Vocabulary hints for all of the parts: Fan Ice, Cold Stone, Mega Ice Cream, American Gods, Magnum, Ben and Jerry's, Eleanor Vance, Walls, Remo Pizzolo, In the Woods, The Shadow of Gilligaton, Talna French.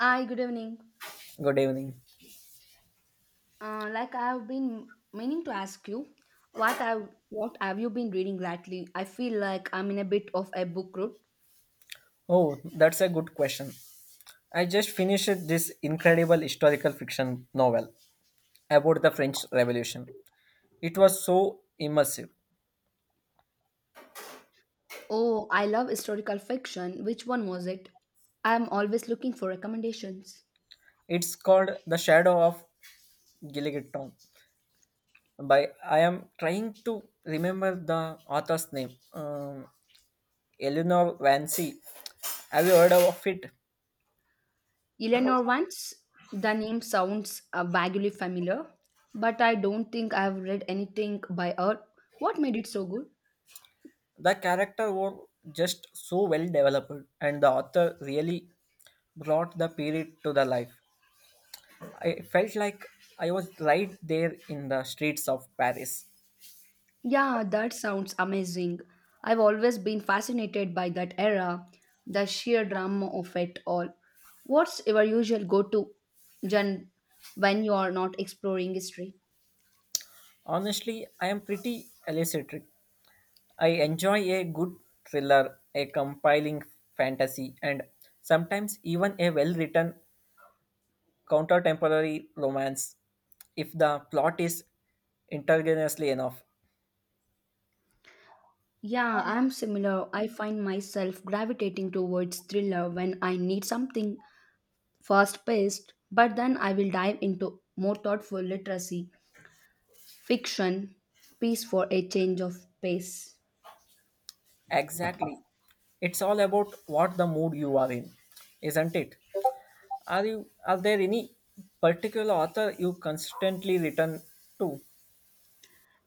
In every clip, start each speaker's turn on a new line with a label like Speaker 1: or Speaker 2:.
Speaker 1: Hi, good evening.
Speaker 2: Good evening.
Speaker 1: Like I've been meaning to ask you, what I what have you been reading lately? I feel like I'm in a bit of a book rut.
Speaker 2: Oh, that's a good question. I just finished this incredible historical fiction novel about the French Revolution. It was so immersive.
Speaker 1: Oh, I love historical fiction. Which one was it? I'm always looking for recommendations.
Speaker 2: It's called The Shadow of Gilligaton. By I am trying to remember the author's name. Eleanor Vance. Have you heard of it?
Speaker 1: Eleanor Vance. The name sounds vaguely familiar, but I don't think I've read anything by her. What made it so good?
Speaker 2: The character were just so well developed, and the author really brought the period to the life. I felt like I was right there in the streets of Paris.
Speaker 1: Yeah, that sounds amazing. I've always been fascinated by that era, the sheer drama of it all. What's your usual go to gen when you are not exploring history?
Speaker 2: Honestly, I am pretty eccentric. I enjoy a good thriller, a compiling fantasy, and sometimes even a well written contemporary romance if the plot is ingeniously enough.
Speaker 1: Yeah, I'm similar. I find myself gravitating towards thriller when I need something fast paced, but then I will dive into more thoughtful literacy, fiction, piece for a change of pace.
Speaker 2: Exactly. It's all about what the mood you are in, isn't it? Are you are there any particular author you constantly return to?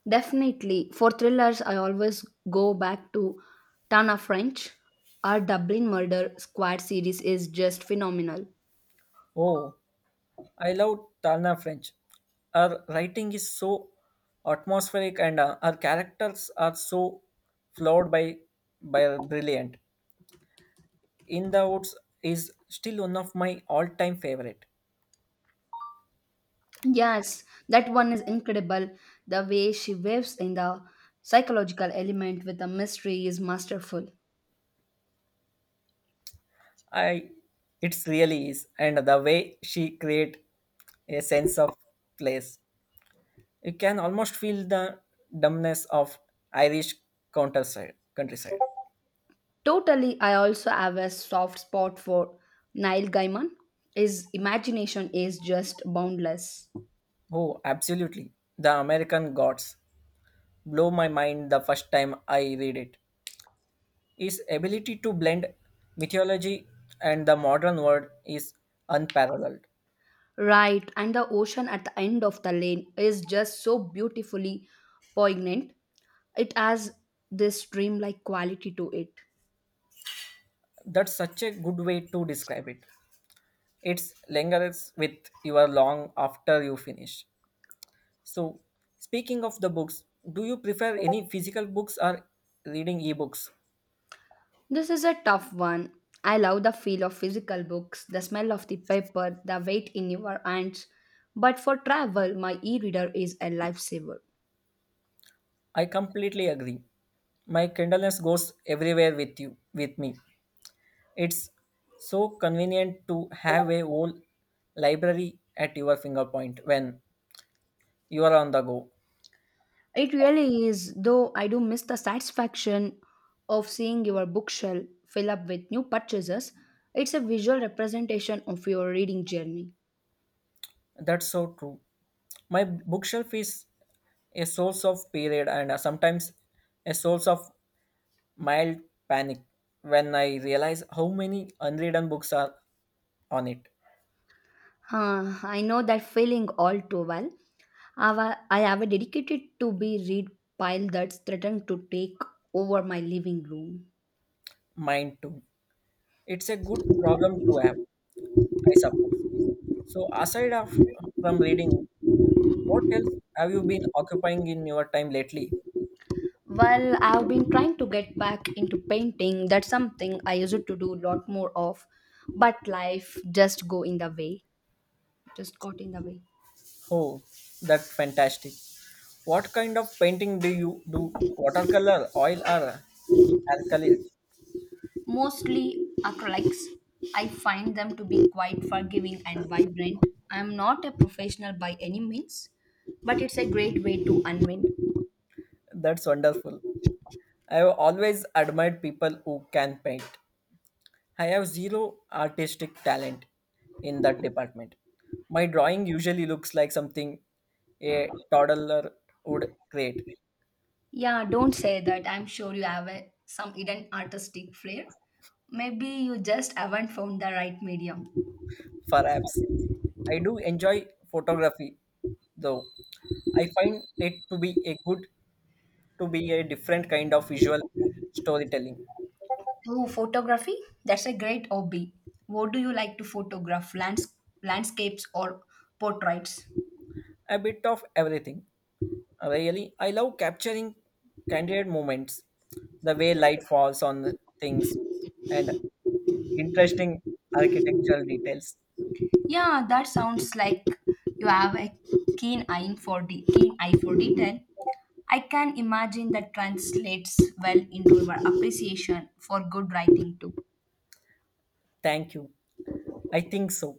Speaker 1: Definitely. For thrillers, I always go back to Tana French. Our Dublin Murder Squad series is just phenomenal.
Speaker 2: Oh, I love Talna French. Her writing is so atmospheric and her characters are so flawed by brilliant. In the Woods is still one of my all-time favorite.
Speaker 1: Yes, that one is incredible. The way she weaves in the psychological element with the mystery is masterful.
Speaker 2: I It's really is, and the way she create a sense of place. You can almost feel the dumbness of Irish countryside.
Speaker 1: Totally, I also have a soft spot for Neil Gaiman. His imagination is just boundless.
Speaker 2: Oh, absolutely. The American Gods. Blow my mind the first time I read it. His ability to blend mythology and the modern world is unparalleled.
Speaker 1: Right, and the ocean at the end of the lane is just so beautifully poignant. It has this dreamlike quality to it.
Speaker 2: That's such a good way to describe it. It lingers with you long after you finish. So, speaking of the books, do you prefer any physical books or reading ebooks?
Speaker 1: This is a tough one. I love the feel of physical books, the smell of the paper, the weight in your hands. But for travel, my e reader is a lifesaver.
Speaker 2: I completely agree. My kindleness goes everywhere with you, with me. It's so convenient to have a whole library at your finger point when you are on the go.
Speaker 1: It really is, though I do miss the satisfaction of seeing your bookshelf fill up with new purchases. It's a visual representation of your reading journey.
Speaker 2: That's so true. My bookshelf is a source of period and sometimes a source of mild panic when I realize how many unwritten books are on it.
Speaker 1: Huh, I know that feeling all too well. I have a dedicated to be read pile that's threatened to take over my living room.
Speaker 2: Mine too. It's a good problem to have, I suppose. So from reading, what else have you been occupying in your time lately?
Speaker 1: Well, I've been trying to get back into painting. That's something I used to do a lot more of, but life just go in the way. Just got in the way.
Speaker 2: Oh, that's fantastic. What kind of painting do you do? Watercolor, oil, or alkalis?
Speaker 1: Mostly acrylics. I find them to be quite forgiving and vibrant. I'm not a professional by any means, but it's a great way to unwind.
Speaker 2: That's wonderful. I have always admired people who can paint. I have zero artistic talent in that department. My drawing usually looks like something a toddler would create,
Speaker 1: Yeah, don't say that. I'm sure you have some hidden artistic flair. Maybe you just haven't found the right medium.
Speaker 2: perhaps. I do enjoy photography, though. I find it to be a different kind of visual storytelling,
Speaker 1: Oh, photography? That's a great hobby. What do you like to photograph? Landscapes or portraits?
Speaker 2: a bit of everything. Really, I love capturing candid moments, the way light falls on things, and interesting architectural details.
Speaker 1: Yeah, that sounds like you have a keen eye for detail. I can imagine that translates well into your appreciation for good writing too.
Speaker 2: Thank you. I think so.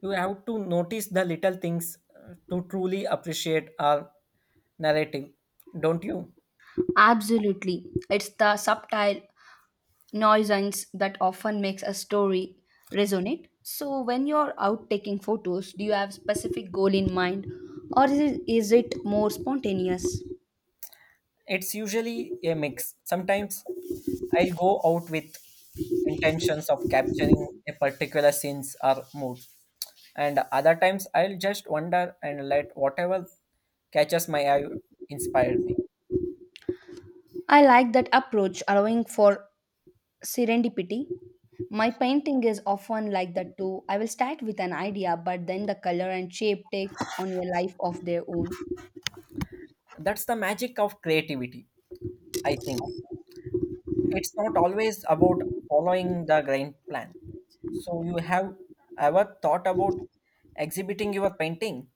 Speaker 2: You have to notice the little things to truly appreciate our narrative, don't you?
Speaker 1: Absolutely. It's the subtle nuisance that often makes a story resonate. So, when you're out taking photos, do you have specific goal in mind, or is it more spontaneous?
Speaker 2: It's usually a mix. Sometimes I'll go out with intentions of capturing a particular scenes or mood, and other times I'll just wander and let whatever catches my eye inspire me.
Speaker 1: I like that approach, allowing for serendipity. My painting is often like that too. I will start with an idea, but then the color and shape take on a life of their own.
Speaker 2: That's the magic of creativity, I think. It's not always about following the grand plan. So you have ever thought about exhibiting your painting?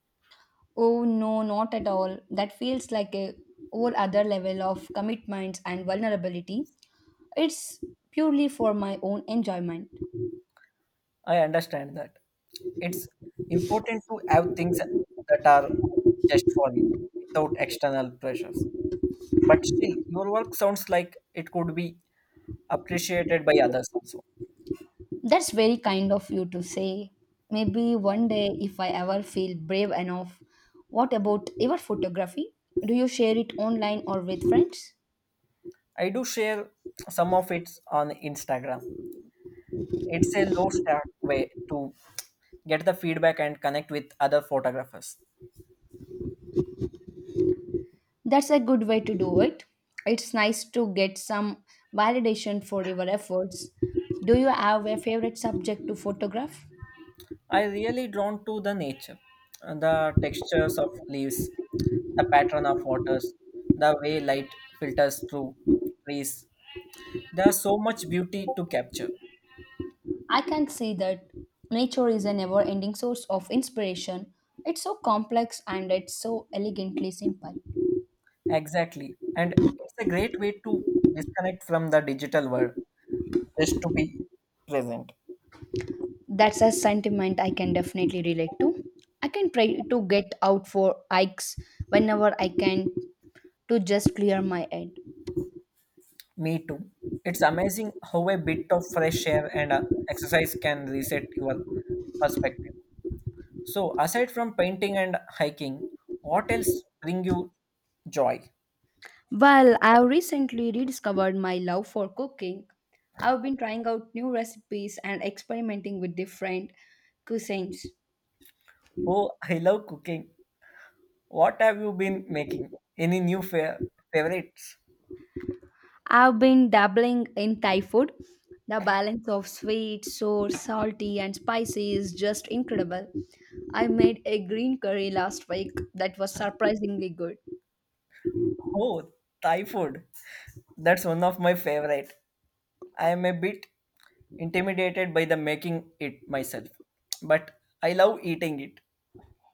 Speaker 1: Oh no, not at all. That feels like a whole other level of commitments and vulnerability. It's purely for my own enjoyment.
Speaker 2: I understand that. It's important to have things that are just for you without external pressures. But still, your work sounds like it could be appreciated by others also.
Speaker 1: That's very kind of you to say. Maybe one day, if I ever feel brave enough, what about your photography? Do you share it online or with friends?
Speaker 2: I do share some of it on Instagram. It's a low stack way to get the feedback and connect with other photographers.
Speaker 1: That's a good way to do it. It's nice to get some validation for your efforts. Do you have a favorite subject to photograph?
Speaker 2: I really drawn to the nature, the textures of leaves, the pattern of waters, the way light filters through trees. There's so much beauty to capture.
Speaker 1: I can see that nature is a never ending source of inspiration. It's so complex and it's so elegantly simple.
Speaker 2: Exactly. And it's a great way to disconnect from the digital world, just to be present.
Speaker 1: That's a sentiment I can definitely relate to. I can try to get out for hikes whenever I can to just clear my head.
Speaker 2: Me too. It's amazing how a bit of fresh air and exercise can reset your perspective. So, aside from painting and hiking, what else bring you joy?
Speaker 1: Well, I have recently rediscovered my love for cooking. I've been trying out new recipes and experimenting with different cuisines.
Speaker 2: Oh, I love cooking. What have you been making? Any new favorites?
Speaker 1: I've been dabbling in Thai food. The balance of sweet sour salty and spicy is just incredible. I made a green curry last week that was surprisingly good.
Speaker 2: Oh, Thai food. That's one of my favorite. I am a bit intimidated by the making it myself, but I love eating it.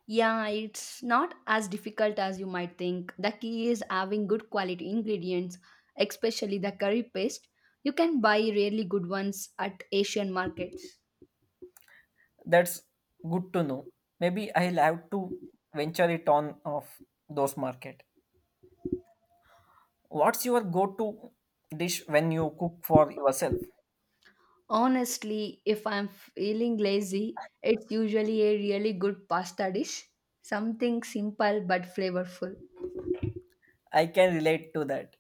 Speaker 1: Yeah, it's not as difficult as you might think. The key is having good quality ingredients, especially the curry paste. You can buy really good ones at Asian markets.
Speaker 2: That's good to know. Maybe I'll have to venture it on of those market. What's your go-to dish when you cook for yourself?
Speaker 1: Honestly, if I'm feeling lazy, it's usually a really good pasta dish. Something simple but flavorful.
Speaker 2: I can relate to that.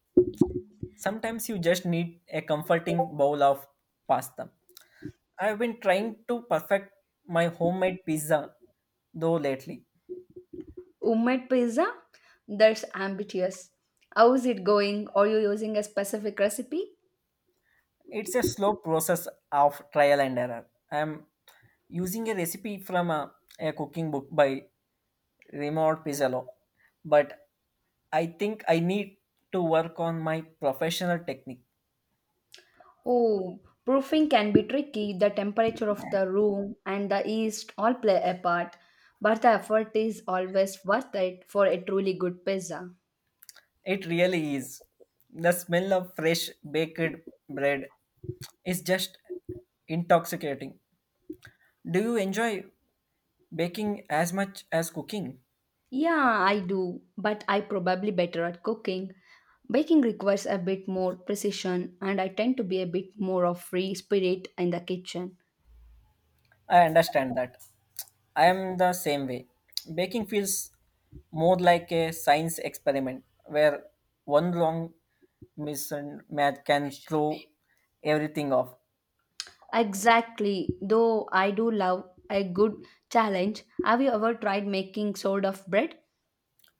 Speaker 2: Sometimes you just need a comforting bowl of pasta. I've been trying to perfect my homemade pizza though lately.
Speaker 1: Homemade pizza? That's ambitious. How is it going? Are you using a specific recipe?
Speaker 2: It's a slow process of trial and error. I'm using a recipe from a cooking book by Remo Pizzolo, but I think I need to work on my professional technique.
Speaker 1: Oh, proofing can be tricky. The temperature of the room and the yeast all play a part, but the effort is always worth it for a truly good pizza.
Speaker 2: It really is. The smell of fresh baked bread is just intoxicating. Do you enjoy baking as much as cooking?
Speaker 1: Yeah, I do, but I probably better at cooking. Baking requires a bit more precision, and I tend to be a bit more of free spirit in the kitchen.
Speaker 2: I understand that. I am the same way. Baking feels more like a science experiment where one wrong mismatch can throw everything off.
Speaker 1: Exactly, though I do love a good challenge. Have you ever tried making sort of bread?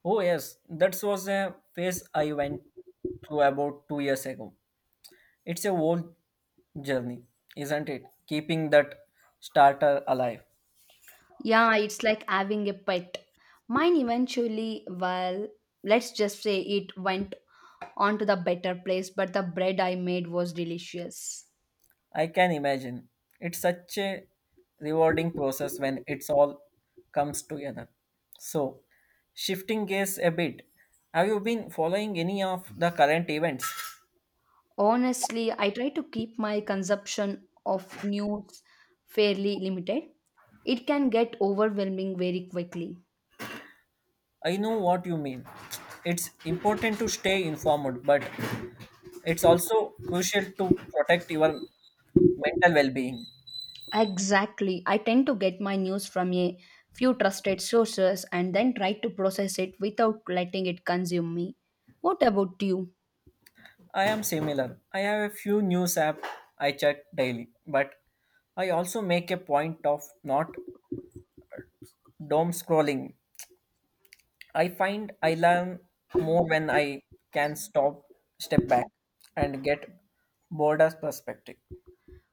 Speaker 2: Oh, yes, that was a phase I went through about 2 years ago. It's a whole journey, isn't it? Keeping that starter alive.
Speaker 1: Yeah, it's like having a pet. Mine eventually, well, let's just say it went on to the better place, but the bread I made was delicious.
Speaker 2: I can imagine. It's such a rewarding process when it's all comes together. So, shifting gears a bit, have you been following any of the current events?
Speaker 1: Honestly, I try to keep my consumption of news fairly limited. It can get overwhelming very quickly.
Speaker 2: I know what you mean. It's important to stay informed, but it's also crucial to protect your mental well-being.
Speaker 1: Exactly. I tend to get my news from a few trusted sources and then try to process it without letting it consume me. What about you?
Speaker 2: I am similar. I have a few news app I check daily, but I also make a point of not doom scrolling. I find I learn more when I can stop, step back, and get broader perspective.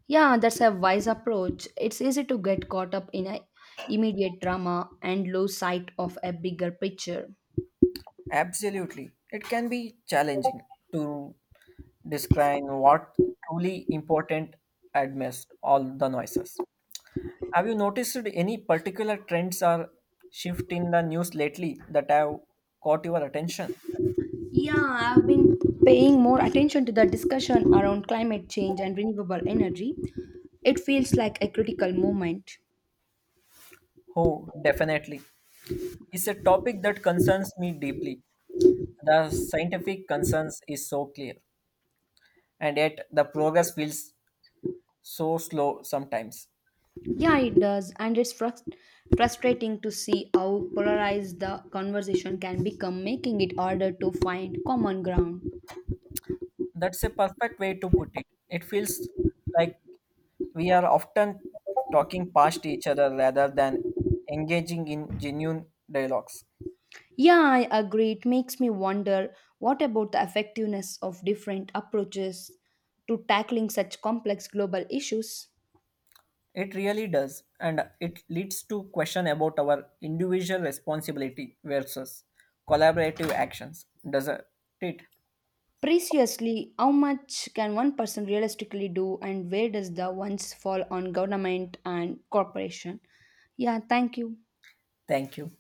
Speaker 1: Yeah, that's a wise approach. It's easy to get caught up in a immediate drama and lose sight of a bigger picture.
Speaker 2: Absolutely. It can be challenging to describe what truly important amidst all the noises. Have you noticed any particular trends or shift in the news lately that have caught your attention?
Speaker 1: Yeah, I've been paying more attention to the discussion around climate change and renewable energy. It feels like a critical moment.
Speaker 2: Oh, definitely. It's a topic that concerns me deeply. The scientific concerns is so clear, and yet the progress feels so slow sometimes.
Speaker 1: Yeah, it does, and it's frustrating to see how polarized the conversation can become, making it harder to find common ground.
Speaker 2: That's a perfect way to put it. It feels like we are often talking past each other rather than engaging in genuine dialogues.
Speaker 1: Yeah, I agree. It makes me wonder what about the effectiveness of different approaches to tackling such complex global issues?
Speaker 2: It really does, and it leads to question about our individual responsibility versus collaborative actions, doesn't it?
Speaker 1: Preciously, how much can one person realistically do, and where does the ones fall on government and corporation? Yeah, thank you.
Speaker 2: Thank you.